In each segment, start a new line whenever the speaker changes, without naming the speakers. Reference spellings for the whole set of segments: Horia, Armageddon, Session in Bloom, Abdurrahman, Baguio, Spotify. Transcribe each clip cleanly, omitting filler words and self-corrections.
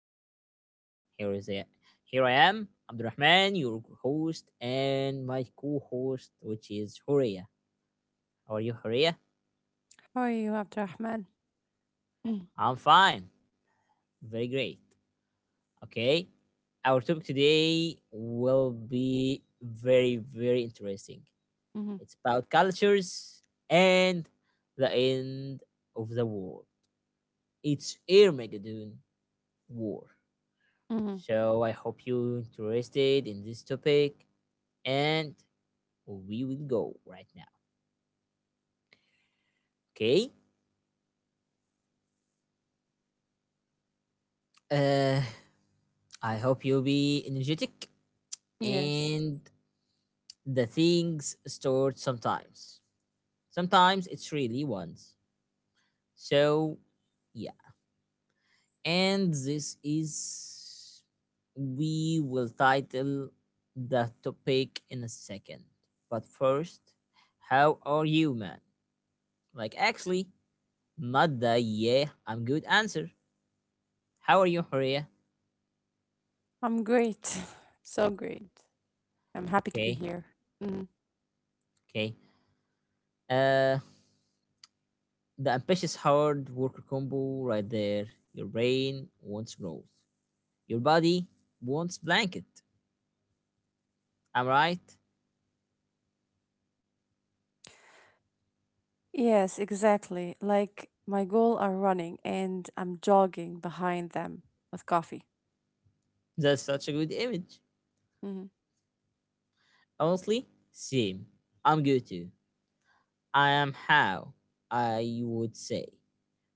podcast. Here is it. Here I am, Abdurrahman, your host, and my co-host, which is Horia. How are you, Horia?
How are you, Abdurrahman?
I'm fine. Very great. Okay. Our topic today will be very, very interesting.
Mm-hmm.
It's about cultures and the end of the war. It's Armageddon War.
Hmm.
So I hope you're interested in this topic and we will go right now. Okay. Uh, I hope you'll be energetic
Yes,
and the things stored sometimes. Sometimes it's really once. So, yeah. And this is. We will title the topic in a second. But first, how are you, man? Like, actually, not the yeah, I'm good answer. How are you, Horia?
I'm great. So great. I'm happy to be
Okay,
here. Mhm.
okay. Uh, the ambitious hard worker combo right there. Your brain wants growth. Your body wants blanket. Am I right?
Yes, exactly. Like my goal are running and I'm jogging behind them with coffee.
That's such a good image.
Hmm.
Honestly, same. I'm good too. I am how I would say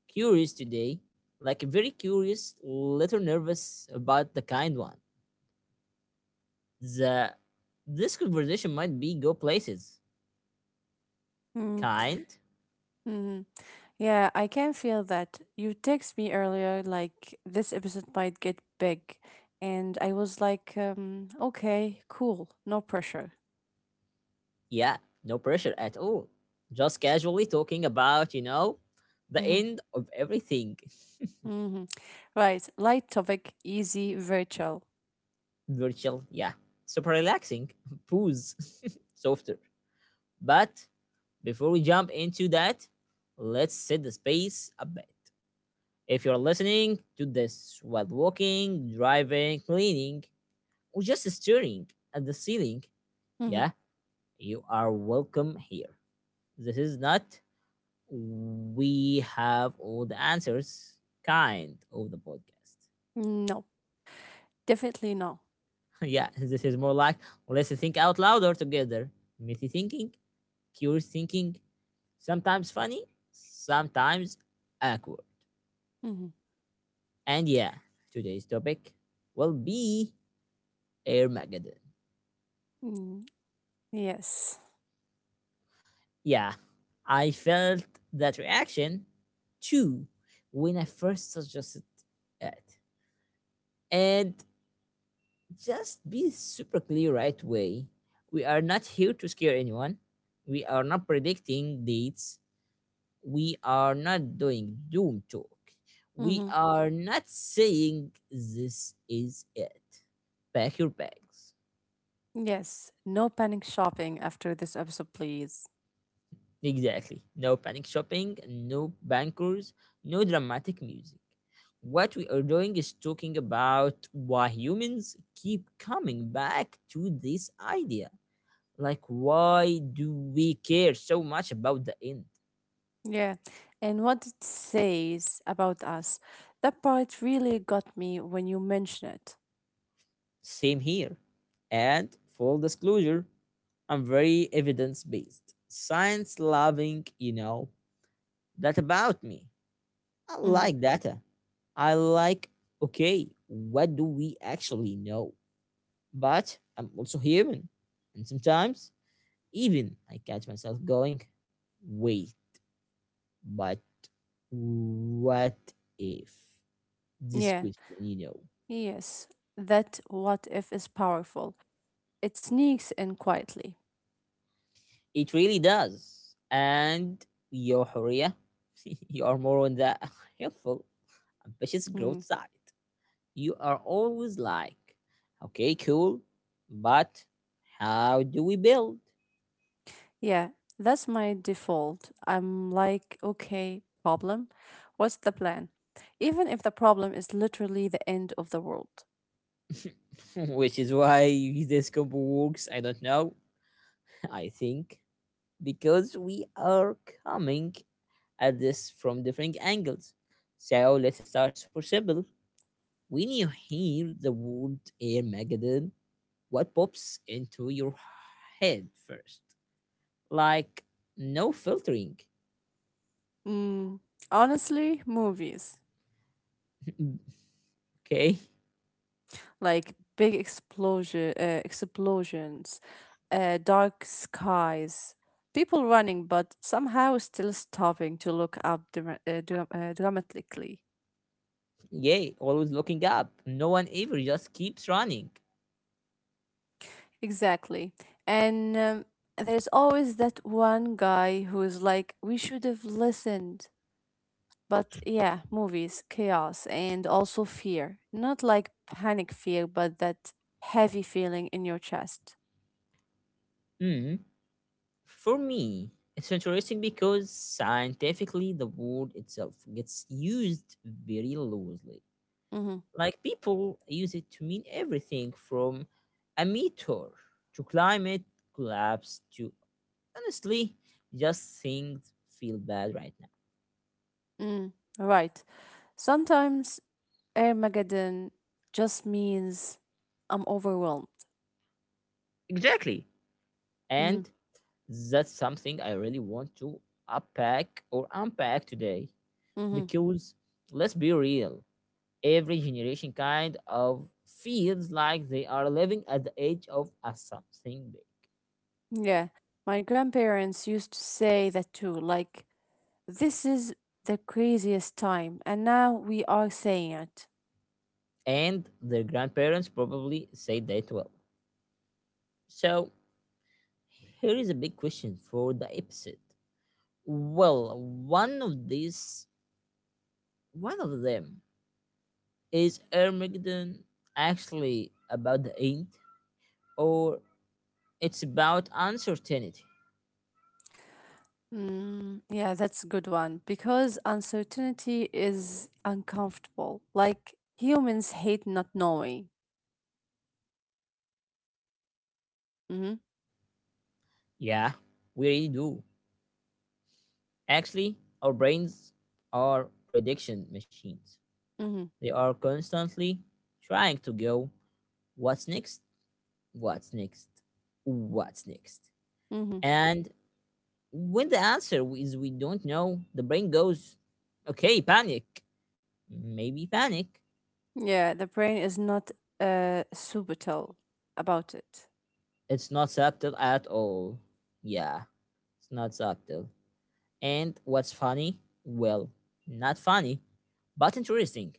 curious today, like a very curious, little nervous about the kind one. The This conversation might be go places. Kind?
Mm-hmm. Yeah, I can feel that. You text me earlier like this episode might get big and I was like okay, cool, no pressure.
Yeah, no pressure at all. Just casually talking about, the
Mm-hmm.
end of everything.
Mm-hmm. Right, light topic, easy, virtual.
Virtual, yeah. Super relaxing. Booze. Softer. But before we jump into that, let's set the space a bit. If you're listening to this while walking, driving, cleaning, or just staring at the ceiling,
Mhm.
yeah, you are welcome here. This is not we have all the answers kind of the podcast.
No, definitely no.
Yeah, this is more like let's think out louder together. Messy thinking, curious thinking, sometimes funny, sometimes awkward.
Mhm.
And yeah, today's topic will be Air Armageddon.
Mm, yes.
Yeah, I felt that reaction too when I first suggested it. And just be super clear right away. We are not here to scare anyone. We are not predicting dates. We are not doing doom talk. We
Mhm.
are not saying this is it. Pack your bags.
Yes. No panic shopping after this episode, please.
Exactly. No panic shopping, no bankers, no dramatic music. What we are doing is talking about why humans keep coming back to this idea. Like, why do we care so much about the end?
Yeah. And what it says about us, that part really got me when you mention it.
Same here. And full disclosure, I'm very evidence based, science loving, that about me. I
Mhm.
like data. I like, okay, what do we actually know? But I'm also human. And sometimes, even I catch myself going, wait, but what if this
Yeah.
question?
Yes. That what if is powerful. It sneaks in quietly.
It really does. And your Horia, you are more on the helpful, ambitious
Mm.
growth side. You are always like, okay, cool, but how do we build?
Yeah, that's my default. I'm like, okay, problem. What's the plan? Even if the problem is literally the end of the world.
Which is why this combo works, I don't know. I think because we are coming at this from different angles. So let's start super simple. When you hear the word Air Megadon, what pops into your head first? Like, no filtering.
Mm, honestly, movies
Okay.
like big explosion, explosions, dark skies, people running but somehow still stopping to look up dramatically.
Yay, always looking up. No one ever just keeps running.
Exactly. And there's always that one guy who is like, we should have listened. But yeah, movies, chaos, and also fear. Not like panic fear, but that heavy feeling in your chest.
Mm. For me, it's interesting because scientifically the word itself gets used very loosely.
Mm-hmm.
Like people use it to mean everything from a meteor to climate collapse to honestly just things feel bad right now.
Mm, right. Sometimes Armageddon just means I'm overwhelmed.
Exactly.
Mm-hmm.
And that's something I really want to unpack or unpack today.
Mm-hmm.
Because let's be real, every generation kind of feels like they are living at the edge of a something big.
Yeah. My grandparents used to say that too. Like, this is the craziest time. And now we are saying it.
And their grandparents probably said that well. So here is a big question for the episode. Well, one of these, one of them, is Armageddon actually about the end, or it's about uncertainty?
Mm, yeah, that's a good one because uncertainty is uncomfortable. Like humans hate not knowing. Mm-hmm,
Yeah, we really do. Actually, our brains are prediction machines.
mm-hmm,
They are constantly trying to go, what's next? What's next? What's next?
mm-hmm.
And when the answer is we don't know, the brain goes, okay, panic. Maybe panic.
Yeah, the brain is not subtle about it.
It's not subtle at all. Yeah, it's not subtle. And what's funny? Well, not funny, but interesting,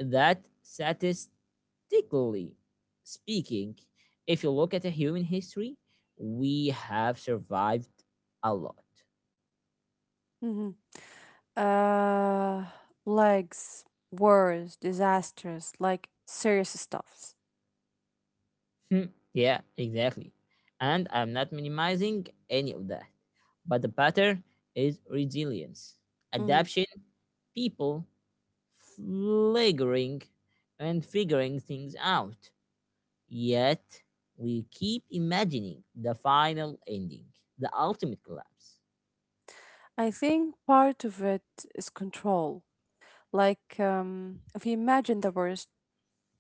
that statistically speaking, if you look at the human history, we have survived a lot.
Mm-hmm. Uh, Legs, wars, disasters, like serious stuffs.
Hmm. Yeah, exactly. And I'm not minimizing any of that. But the pattern is resilience,
Mm-hmm.
adaptation, people flickering and figuring things out. Yet we keep imagining the final ending, the ultimate collapse.
I think part of it is control. Like, if you imagine the worst.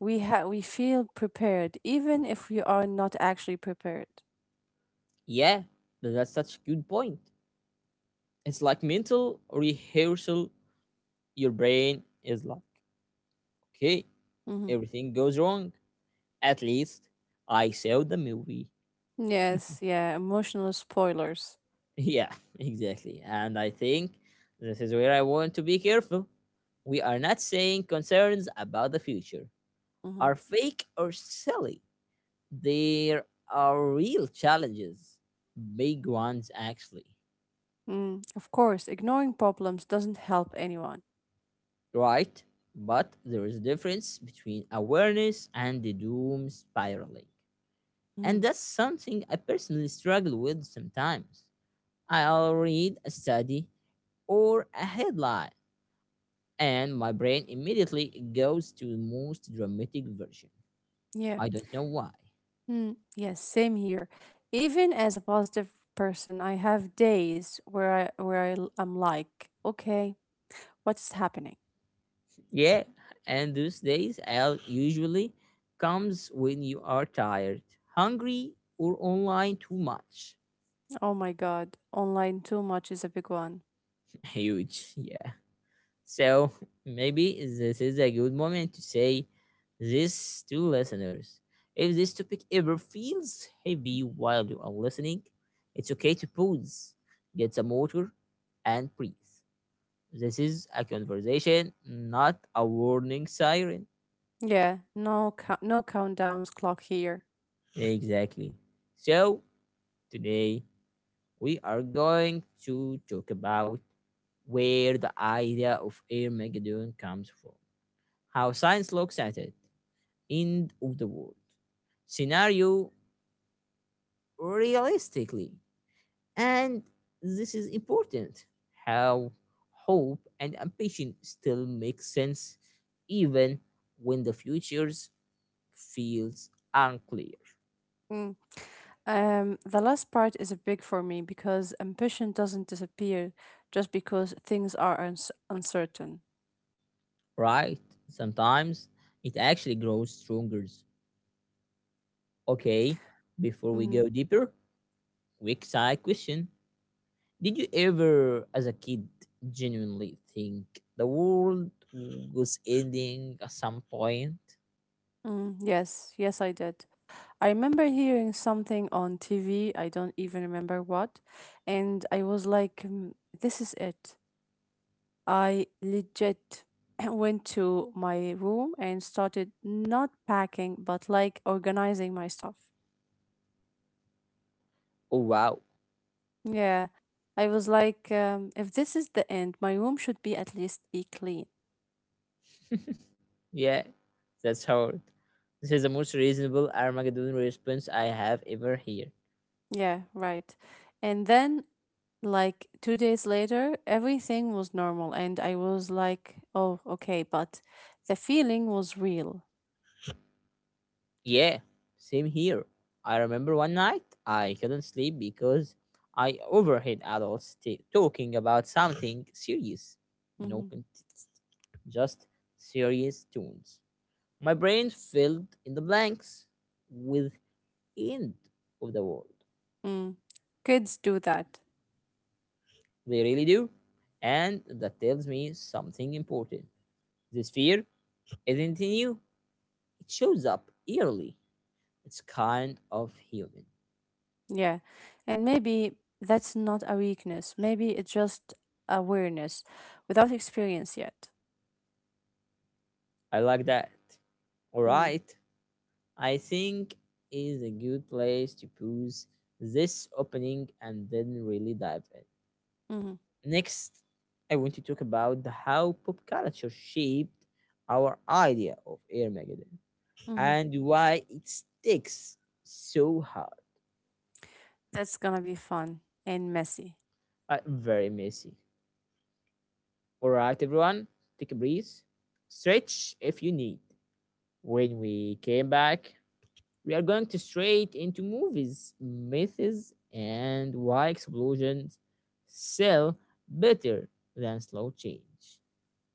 We we feel prepared even if we are not actually prepared.
Yeah, that's such a good point. It's like mental rehearsal. Your brain is like, okay,
Hmm.
everything goes wrong. At least I saw the movie.
Yes, yeah, emotional spoilers.
Yeah, exactly. And I think this is where I want to be careful. We are not saying concerns about the future
Hmm.
are fake or silly. There are real challenges, big ones actually.
Mm, of course ignoring problems doesn't help anyone.
Right? But there is a difference between awareness and the doom spiraling.
Hmm.
And that's something I personally struggle with sometimes. I'll read a study or a headline, and my brain immediately goes to the most dramatic version.
Yeah.
I don't know why.
Mm, yes, same here. Even as a positive person, I have days where I, l- I'm like, okay, what's happening?
Yeah, and those days I'll usually comes when you are tired, hungry, or online too much.
Oh my god, online too much is a big one.
Huge, yeah. So maybe this is a good moment to say this to listeners. If this topic ever feels heavy while you are listening, it's okay to pause, get some water, and breathe. This is a conversation, not a warning siren.
Yeah, no countdowns clock here.
Exactly. So today we are going to talk about where the idea of Air Megadon comes from, how science looks at it, end of the world scenario realistically. And this is important, how hope and ambition still make sense even when the futures feels unclear,
Mm. The last part is a big for me because ambition doesn't disappear just because things are uns uncertain.
right? Sometimes it actually grows stronger. Okay, before we
Mhm.
go deeper, quick side question. Did you ever, as a kid, genuinely think the world was ending at some point?
Mm, yes, yes, I did. I remember hearing something on TV, I don't even remember what, and I was like, "Mm, this is it." I legit went to my room and started not packing, but like organizing my stuff.
Oh, wow.
Yeah, I was like, if this is the end, my room should be at least be clean.
Yeah, that's hard. This is the most reasonable Armageddon response I have ever heard.
Yeah, right. And then, like 2 days later, everything was normal, and I was like, oh, okay, but the feeling was real.
Yeah, same here. I remember one night I couldn't sleep because I overheard adults talking about something serious. No
Hmm.
context, just serious tunes. My brain filled in the blanks with end of the world.
Mm. Kids do that.
They really do. And that tells me something important. This fear isn't new, it shows up yearly. It's kind of human.
Yeah, and maybe that's not a weakness. Maybe it's just awareness without experience yet.
I like that.
Mm.
Alright, I think is a good place to pause this opening and then really dive in.
Mm-hmm.
Next, I want to talk about how pop culture shaped our idea of Air Armageddon,
Mm-hmm.
and why it sticks so hard,
That's gonna be fun and messy.
and very messy. All right, everyone, take a breath, stretch if you need. When we came back, we are going to straight into movies, myths, and why explosions sell better than slow change.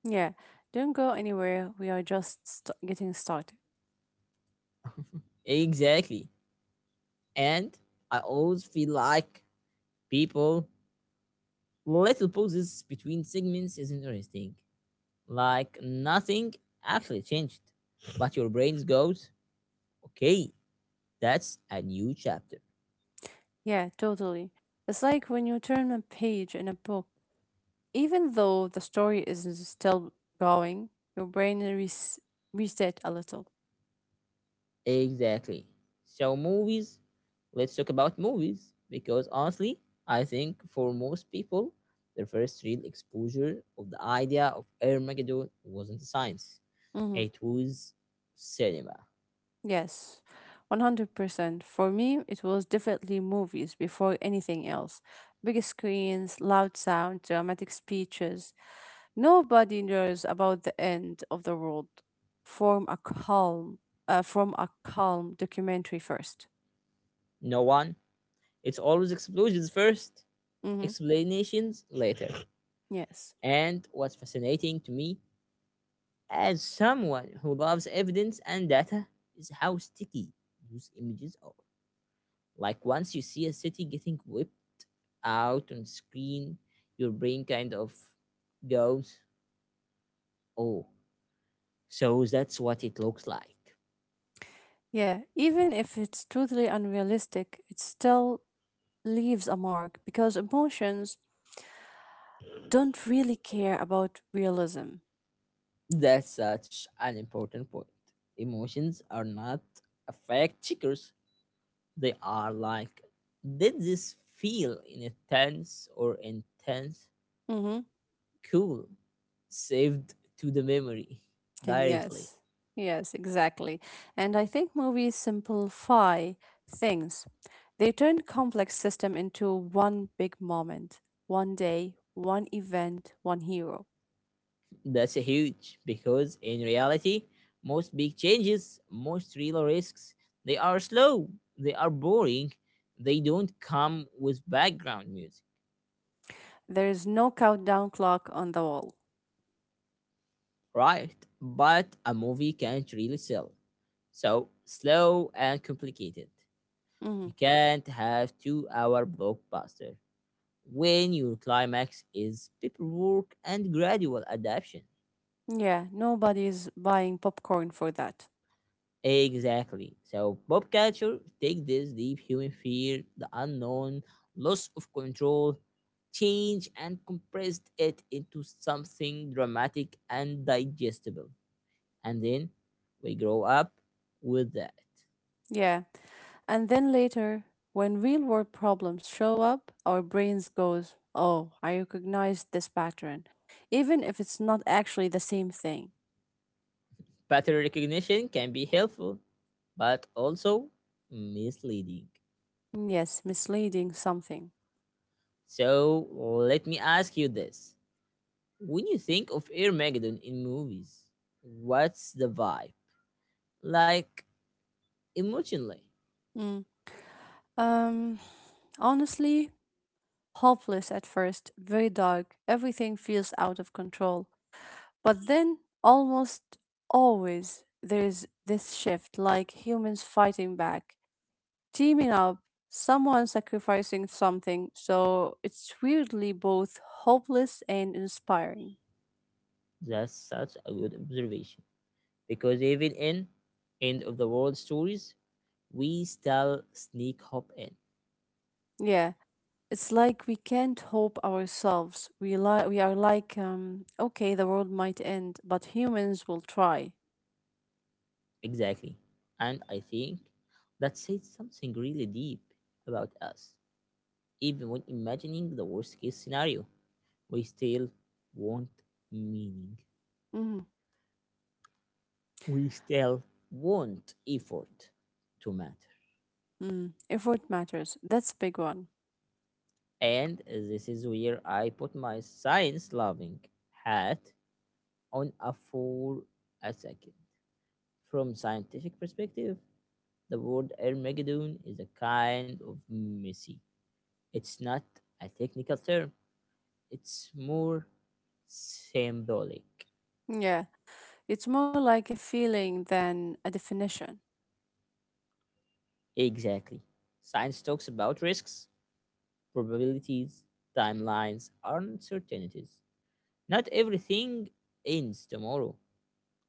Yeah, don't go anywhere. We are just getting started.
Exactly. And I always feel like people little pauses between segments is interesting. Like nothing actually changed. But your brain goes, okay, that's a new chapter.
Yeah, totally. It's like when you turn a page in a book, even though the story is still going, your brain reset a little.
Exactly. So, movies, let's talk about movies because honestly, I think for most people, their first real exposure of the idea of Armageddon wasn't science,
Mm-hmm.
it was cinema.
Yes, 100%. For me, it was definitely movies before anything else. Big screens, loud sound, dramatic speeches. Nobody knows about the end of the world. Form a calm, from a calm documentary first.
No one, it's always explosions first,
Mm-hmm.
explanations later.
Yes.
And what's fascinating to me, as someone who loves evidence and data, is how sticky those images are. Like once you see a city getting whipped out on screen, your brain kind of goes, "Oh, so that's what it looks like."
Yeah. Even if it's totally unrealistic, it still leaves a mark because emotions don't really care about realism.
That's such an important point. Emotions are not a fact checkers. They are like, did this feel in a tense or intense?
Mm-hmm.
Cool. Saved to the memory directly.
Yes, yes, exactly. And I think movies simplify things. They turn complex system into one big moment, one day, one event, one hero.
That's huge because in reality, most big changes, most real risks, they are slow, they are boring, they don't come with background music,
There is no countdown clock on the wall.
right? But a movie can't really sell. So slow and complicated. You
Hmm.
can't have 2-hour blockbuster when your climax is paperwork and gradual adaptation.
Yeah, nobody's buying popcorn for that.
Exactly. So pop culture take this deep human fear, the unknown, loss of control, change, and compressed it into something dramatic and digestible. And then we grow up with that.
Yeah, and then later, when real world problems show up, our brains goes, "Oh, I recognize this pattern," even if it's not actually the same thing.
Pattern recognition can be helpful, but also misleading.
Yes, misleading something.
So let me ask you this. When you think of Armageddon in movies, what's the vibe? Like emotionally?
Mm. Um, Honestly, hopeless at first, very dark. Everything feels out of control. But then, almost always, there is this shift like humans fighting back, teaming up, someone sacrificing something. So it's weirdly both hopeless and inspiring.
That's such a good observation because even in end of the world stories, we still sneak hop in.
Yeah. It's like we can't hope ourselves. We are like, okay, the world might end, but humans will try.
Exactly. And I think that says something really deep about us. Even when imagining the worst case scenario, we still want meaning.
Mm,
We still want effort to matter.
mm. Effort matters. That's a big one.
And this is where I put my science loving hat on a for a second. From scientific perspective, the word Armageddon is a kind of messy. It's not a technical term. It's more symbolic.
Yeah, it's more like a feeling than a definition
Exactly. Science talks about risks, probabilities, timelines, and uncertainties. Not everything ends tomorrow,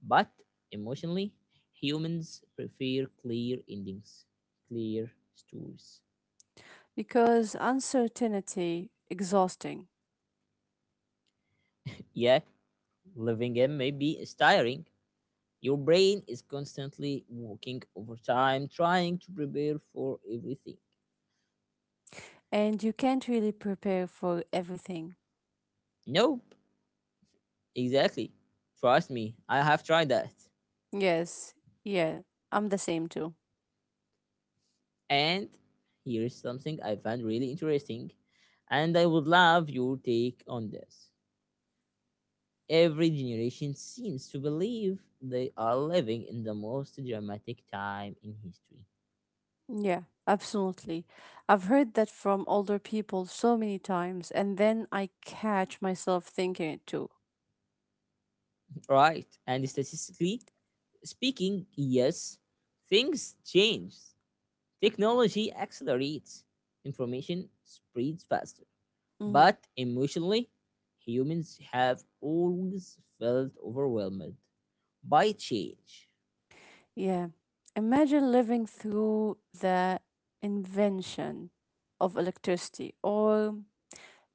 but emotionally, humans prefer clear endings, clear stories.
because uncertainty exhausting,
Yeah, living in may be tiring. Your brain is constantly working overtime, trying to prepare for everything.
and you can't really prepare for everything.
Nope, exactly. Trust me, I have tried that.
Yes, yeah, I'm the same too.
And here is something I found really interesting, and I would love your take on this. Every generation seems to believe they are living in the most dramatic time in history.
Yeah, absolutely. I've heard that from older people so many times, and then I catch myself thinking it too.
Right, and statistically speaking, yes, things change. Technology accelerates, information spreads faster.
Hmm.
But emotionally, humans have always felt overwhelmed by change.
Yeah. Imagine living through the invention of electricity or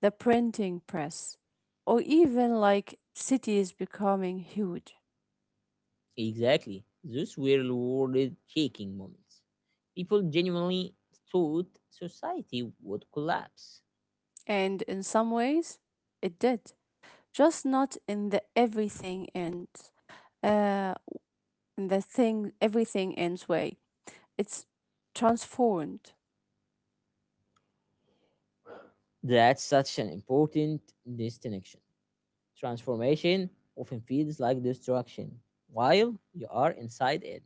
the printing press, or even like cities becoming huge.
Exactly, those were world shaking moments. People genuinely thought society would collapse.
And in some ways, it did, just not in the everything ends, uh, in the thing, everything ends way. It's transformed.
That's such an important distinction. Transformation often feels like destruction while you are inside it.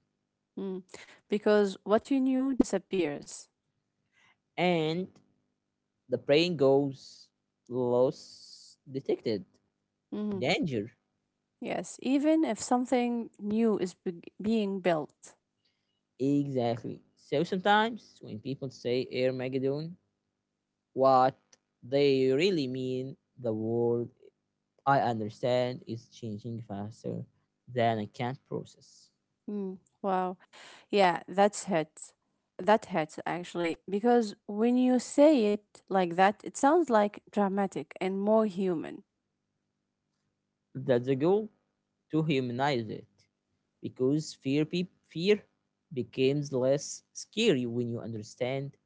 Mm. Because what you knew disappears.
And the plane goes lost detected.
Mhm.
Danger.
Yes, even if something new is being built.
Exactly. So sometimes when people say Armageddon, what they really mean the world I understand is changing faster than I can process.
Mm. Wow. Yeah, that's hit. That hits actually because when you say it like that, it sounds like dramatic and more human.
That's the goal to humanize it because fear becomes less scary when you understand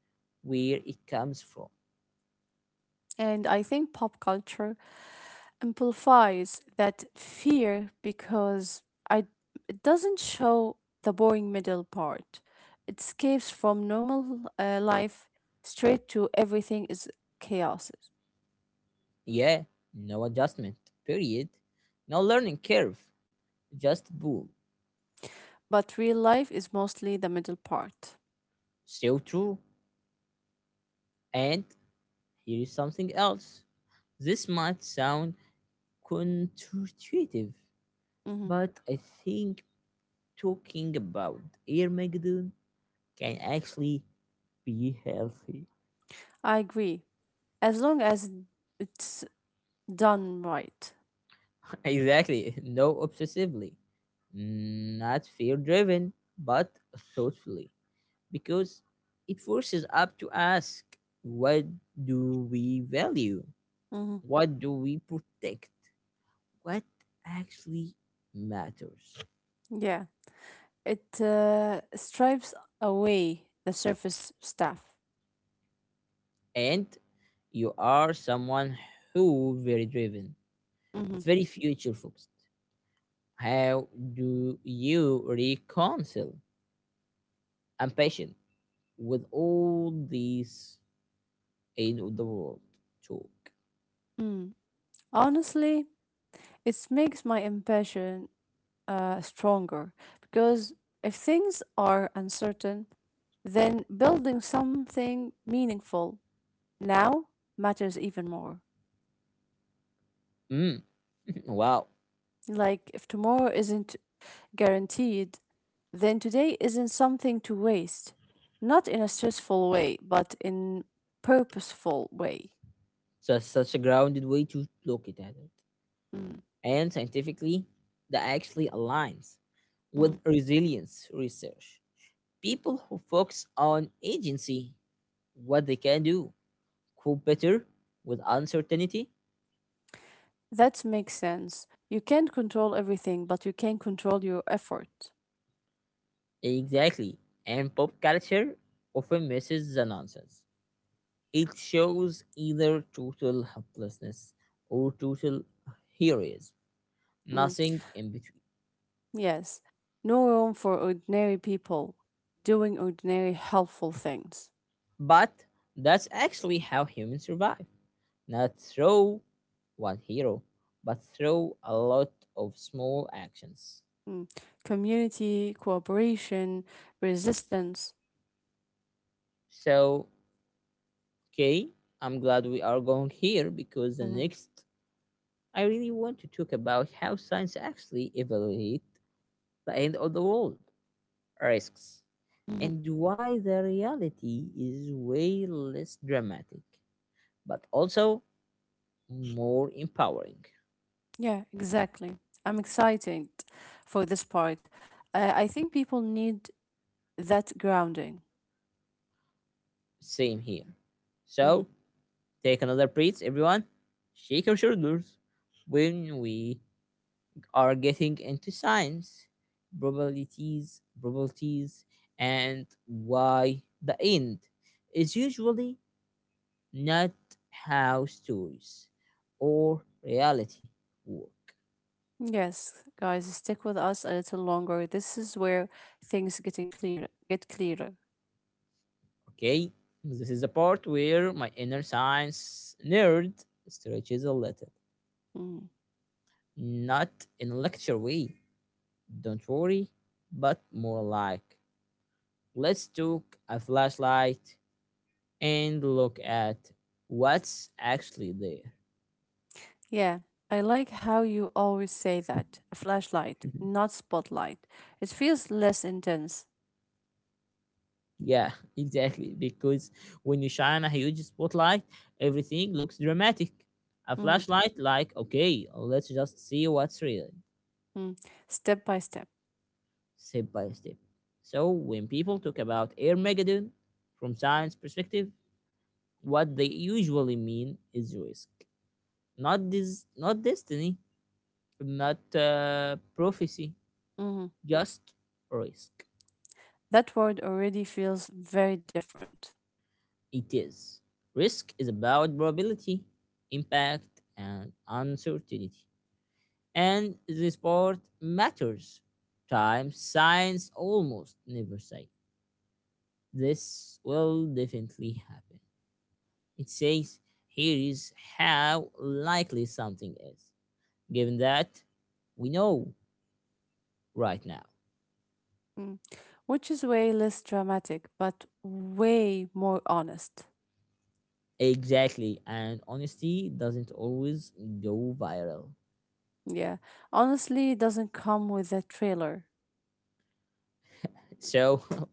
where it comes from.
And I think pop culture amplifies that fear because I, it doesn't show the boring middle part. It escapes from normal life straight to everything is chaos.
Yeah, no adjustment, period. No learning curve, just boom.
But real life is mostly the middle part.
So true. And here is something else. This might sound counterintuitive,
Hmm.
but I think talking about Armageddon can actually be healthy.
I agree. As long as it's done right.
Exactly, no obsessively, not fear driven, but thoughtfully. Because it forces us to ask what do we value?
Hmm.
What do we protect? What actually matters?
Yeah. It stripes away the surface stuff.
And you are someone who very driven,
Hmm.
very future focused. How do you reconcile ambition with all these end of the world talk?
Honestly, it makes my impatience stronger because if things are uncertain, then building something meaningful now matters even more.
Mm, wow,
Like, if tomorrow isn't guaranteed, then today isn't something to waste. Not in a stressful way, but in purposeful way.
that's such a grounded way to look it at it.
Mm,
And scientifically that actually aligns with
mm.
resilience research. People who focus on agency, what they can do, cope better with uncertainty.
That makes sense. You can't control everything, but you can control your effort.
Exactly. And pop culture often misses the nonsense. It shows either total helplessness or total heroism,
Mm.
nothing in between.
Yes, no room for ordinary people doing ordinary helpful things.
But that's actually how humans survive. Not through one hero, but through a lot of small actions.
Mm. Community, cooperation, resistance.
So, okay, I'm glad we are going here because the
Mhm,
next I really want to talk about how science actually evaluates the end of the world risks
mhm.
and why the reality is way less dramatic, but also more empowering.
Yeah, exactly. I'm excited for this part. I think people need that grounding.
Same here. So,
Mhm.
take another breath, everyone. Shake your shoulders. When we are getting into science, probabilities, and why the end is usually not how stories or reality work.
Yes, guys, stick with us a little longer. This is where things get clearer.
Okay, this is the part where my inner science nerd stretches a little,
Mm-hmm.
not in a lecture way, don't worry, but more like let's took a flashlight and look at what's actually there.
Yeah, I like how you always say that. Flashlight, not spotlight. It feels less intense.
Yeah, exactly. Because when you shine a huge spotlight, everything looks dramatic. A
Mhm,
flashlight, like, okay, let's just see what's real,
mm. Step by step.
step by step. So, when people talk about Air Megadon from science perspective, what they usually mean is risk, not this, not destiny, not prophecy,
Mhm.
just risk.
That word already feels very different.
It is. Risk is about probability, impact, and uncertainty. And the sport matters. Time, science almost never say this will definitely happen. It says here is how likely something is, given that we know right now.
Mm. Which is way less dramatic, but way more honest.
Exactly, and honesty doesn't always go viral.
Yeah, honestly, it doesn't come with a trailer.
So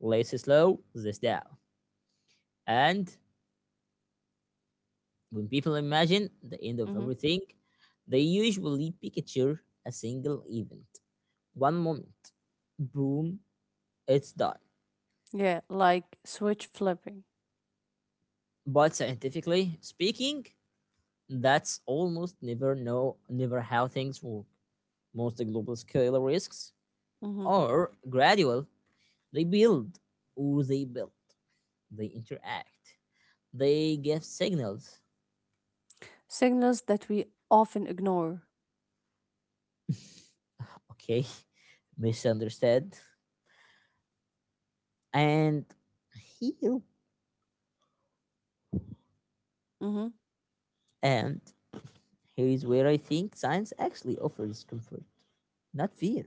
let's slow this down and when people imagine the end of
Mhm.
everything, they usually picture a single event, one moment. Boom, it's done.
Yeah, like switch flipping.
But scientifically speaking, that's almost never how things work. Most global scale risks
Mhm.
are gradual. They build or they build. They interact. They give signals.
Signals that we often ignore.
Okay, misunderstood. And heal
Hmm.
and here is where I think science actually offers comfort, not fear,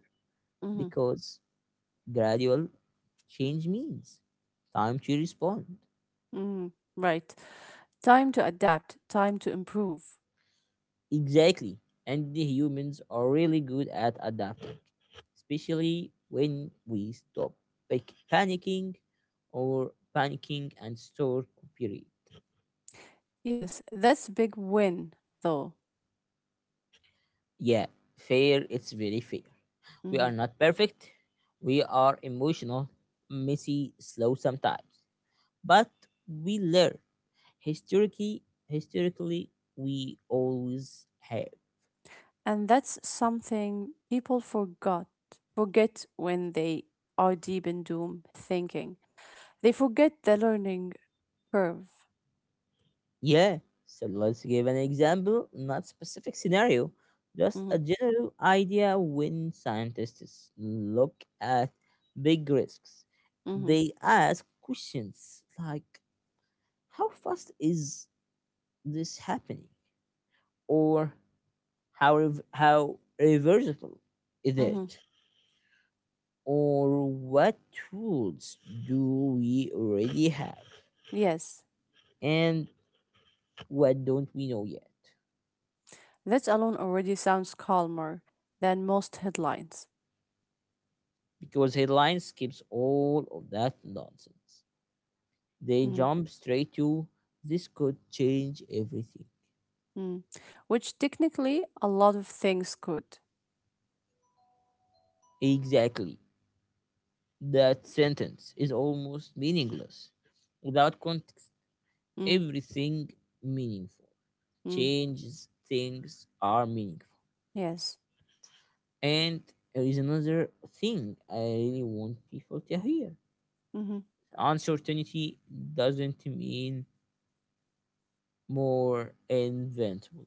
Hmm.
because gradual change means time to respond.
Mm, right. Time to adapt, time to improve.
Exactly. And the humans are really good at adapting, especially when we stop pic- panicking panicking and start cooperating.
Yes, that's a big win, though.
Yeah, fair, it's very fair. We are
Mhm.
not perfect. We are emotional, messy, slow sometimes. But we learn. Historically, historically, we always have.
And that's something people forgot. Forget when they are deep in doom thinking. They forget the learning curve.
Yeah. So let's give an example, not specific scenario, just
Hmm.
a general idea. When scientists look at big risks,
Hmm.
they ask questions like, "How fast is this happening?" or "How reversible is
Hmm.
it?" or "What tools do we already have?"
Yes,
And what don't we know yet?
that alone already sounds calmer than most headlines.
Because headline skips all of that nonsense. They
Mm,
jump straight to this could change everything.
mm. Which technically a lot of things could.
Exactly. That sentence is almost meaningless. Without context,
Mm,
everything meaningful.
mm.
Changes things are meaningful.
Yes.
And there is another thing I really want people to hear.
Mhm.
Uncertainty doesn't mean more invincible.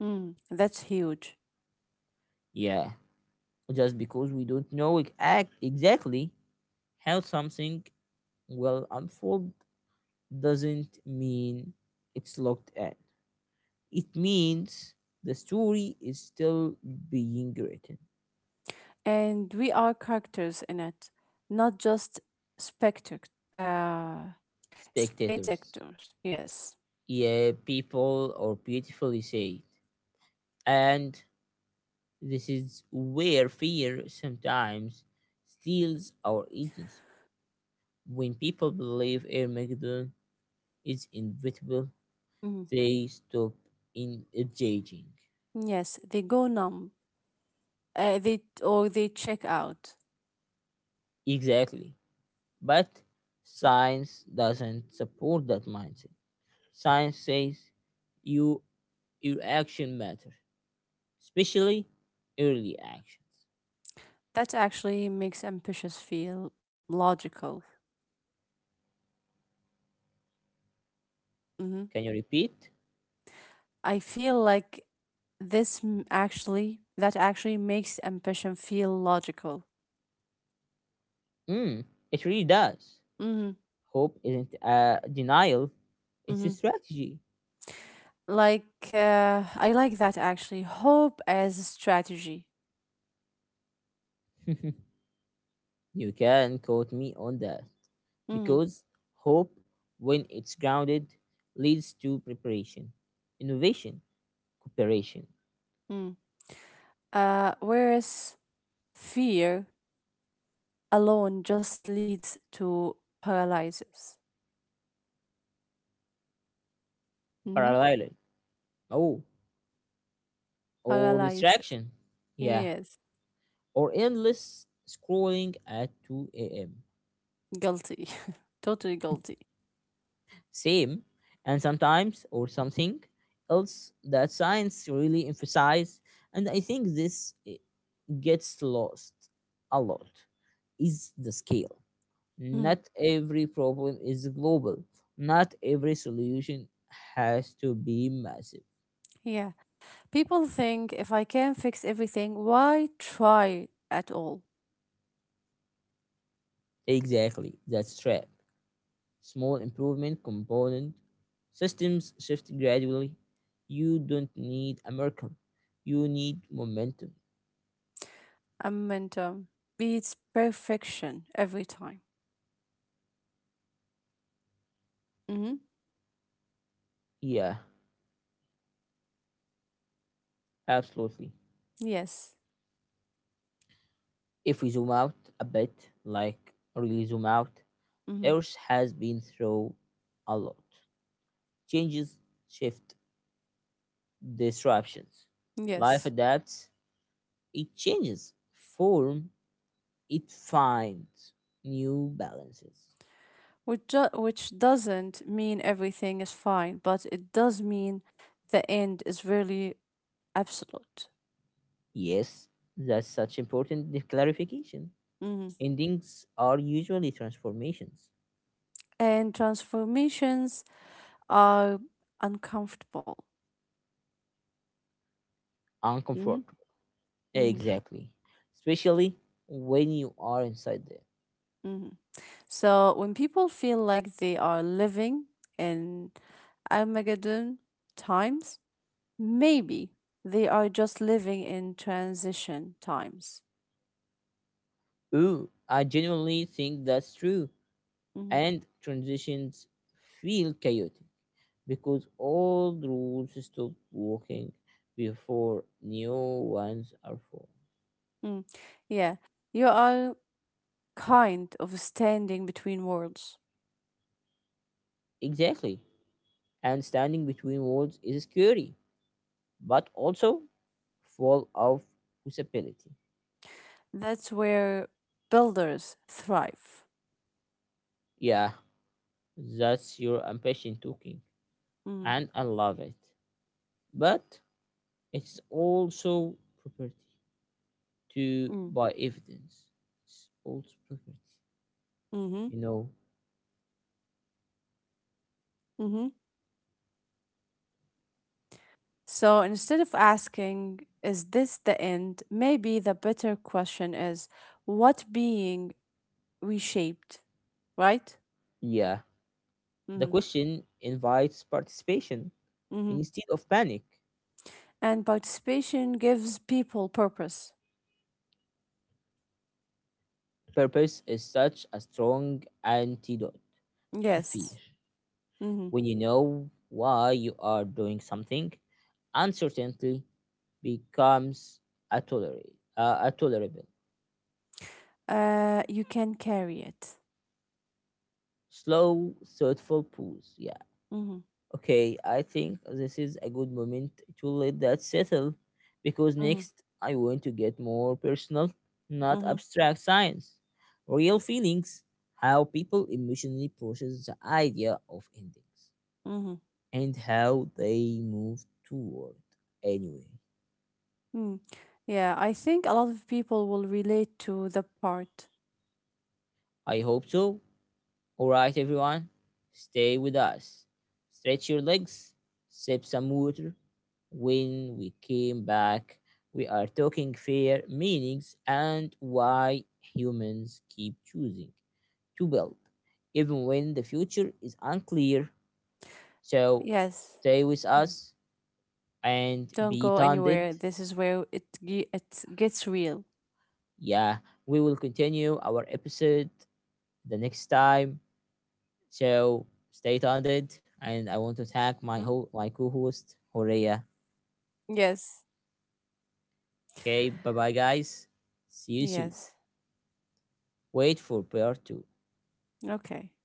Mm, that's huge.
Yeah, just because we don't know act exactly how something will unfold doesn't mean it's locked in. It means the story is still being written.
And we are characters in it, not just spectac- uh,
Spectators.
spectators. Yes.
Yeah, people or beautifully said. And this is where fear sometimes steals our agency. When people believe Armageddon is inevitable,
Mhm.
they stop in judging.
Yes, they go numb, or they check out.
Exactly. But science doesn't support that mindset. Science says you your action matters, especially early actions.
That actually makes ambitious feel logical. Hmm.
Can you repeat?
I feel like actually, that actually makes ambition feel logical.
Mm, it really does.
Hmm.
Hope isn't a denial, it's a
Hmm.
strategy.
Like, I like that actually. Hope as a strategy.
You can quote me on that
Mm,
because hope, when it's grounded, leads to preparation, innovation, cooperation,
mm. Whereas fear alone just leads to paralysis. Hmm.
parallel. Oh, or
Paralysis.
distraction. Yeah,
Yes.
or endless scrolling at 2 a.m.
Guilty. Totally guilty.
Same, and sometimes or something else that science really emphasize, and I think this gets lost a lot, is the scale.
Mm,
Not every problem is global. Not every solution has to be massive.
yeah. People think if I can fix everything, why try at all?
Exactly, that's trap. Small improvement component systems shift gradually. You don't need a miracle, you need momentum.
I meant, beats perfection every time. Hmm.
Yeah, absolutely.
Yes.
If we zoom out a bit, like really zoom out,
Hmm.
earth has been through a lot changes shift disruptions. Life
Yes.
adapts, it changes form, it finds new balances.
Which doesn't mean everything is fine, but it does mean the end is really absolute.
Yes, that's such important clarification.
Mhm.
Endings are usually transformations.
And transformations are uncomfortable. Mhm,
Uncomfortable.
mhm,
Exactly. Especially when you are inside there.
mhm. So when people feel like they are living in Armageddon times, maybe they are just living in transition times.
Ooh, I genuinely think that's true.
Mhm,
And transitions feel chaotic because all the rules stop working before new ones are formed.
mm. Yeah, you are kind of standing between worlds.
Exactly. And standing between worlds is scary, but also full of possibility.
That's where builders thrive.
Yeah, that's your ambition talking.
Mm,
And I love it. But it's also property to
mm,
buy evidence. It's also property,
mm-hmm,
you know.
mm-hmm. So instead of asking, is this the end? Maybe the better question is, what being reshaped, right?
Yeah. The
Mm-hmm,
question invites participation
mm-hmm.
instead of panic.
And participation gives people purpose.
Purpose is such a strong antidote to fear.
Yes. Mm-hmm.
When you know why you are doing something, uncertainty becomes a, tolerate, a tolerable,
You can carry it.
slow, thoughtful pause. Yeah.
Mm-hmm,
Okay, I think this is a good moment to let that settle because
mm-hmm,
next I want to get more personal, not
mm-hmm,
abstract science. Real feelings, how people emotionally process the idea of endings,
mm-hmm.
and how they move toward. Anyway,
Mm. Yeah, I think a lot of people will relate to the part.
I hope so. All right, everyone, stay with us. Stretch your legs, sip some water. When we came back, we are talking fair meanings and why humans keep choosing to build, even when the future is unclear. So
Yes.
stay with
Mhm.
us and
Don't
be
go
tended.
anywhere. This is where it gets real.
Yeah, we will continue our episode
Mm-hmm.
the next time. So stay tuned, and I want to thank my co-host Horea.
Yes.
Okay, bye bye guys. See you soon.
Yes.
Wait for part two.
Okay.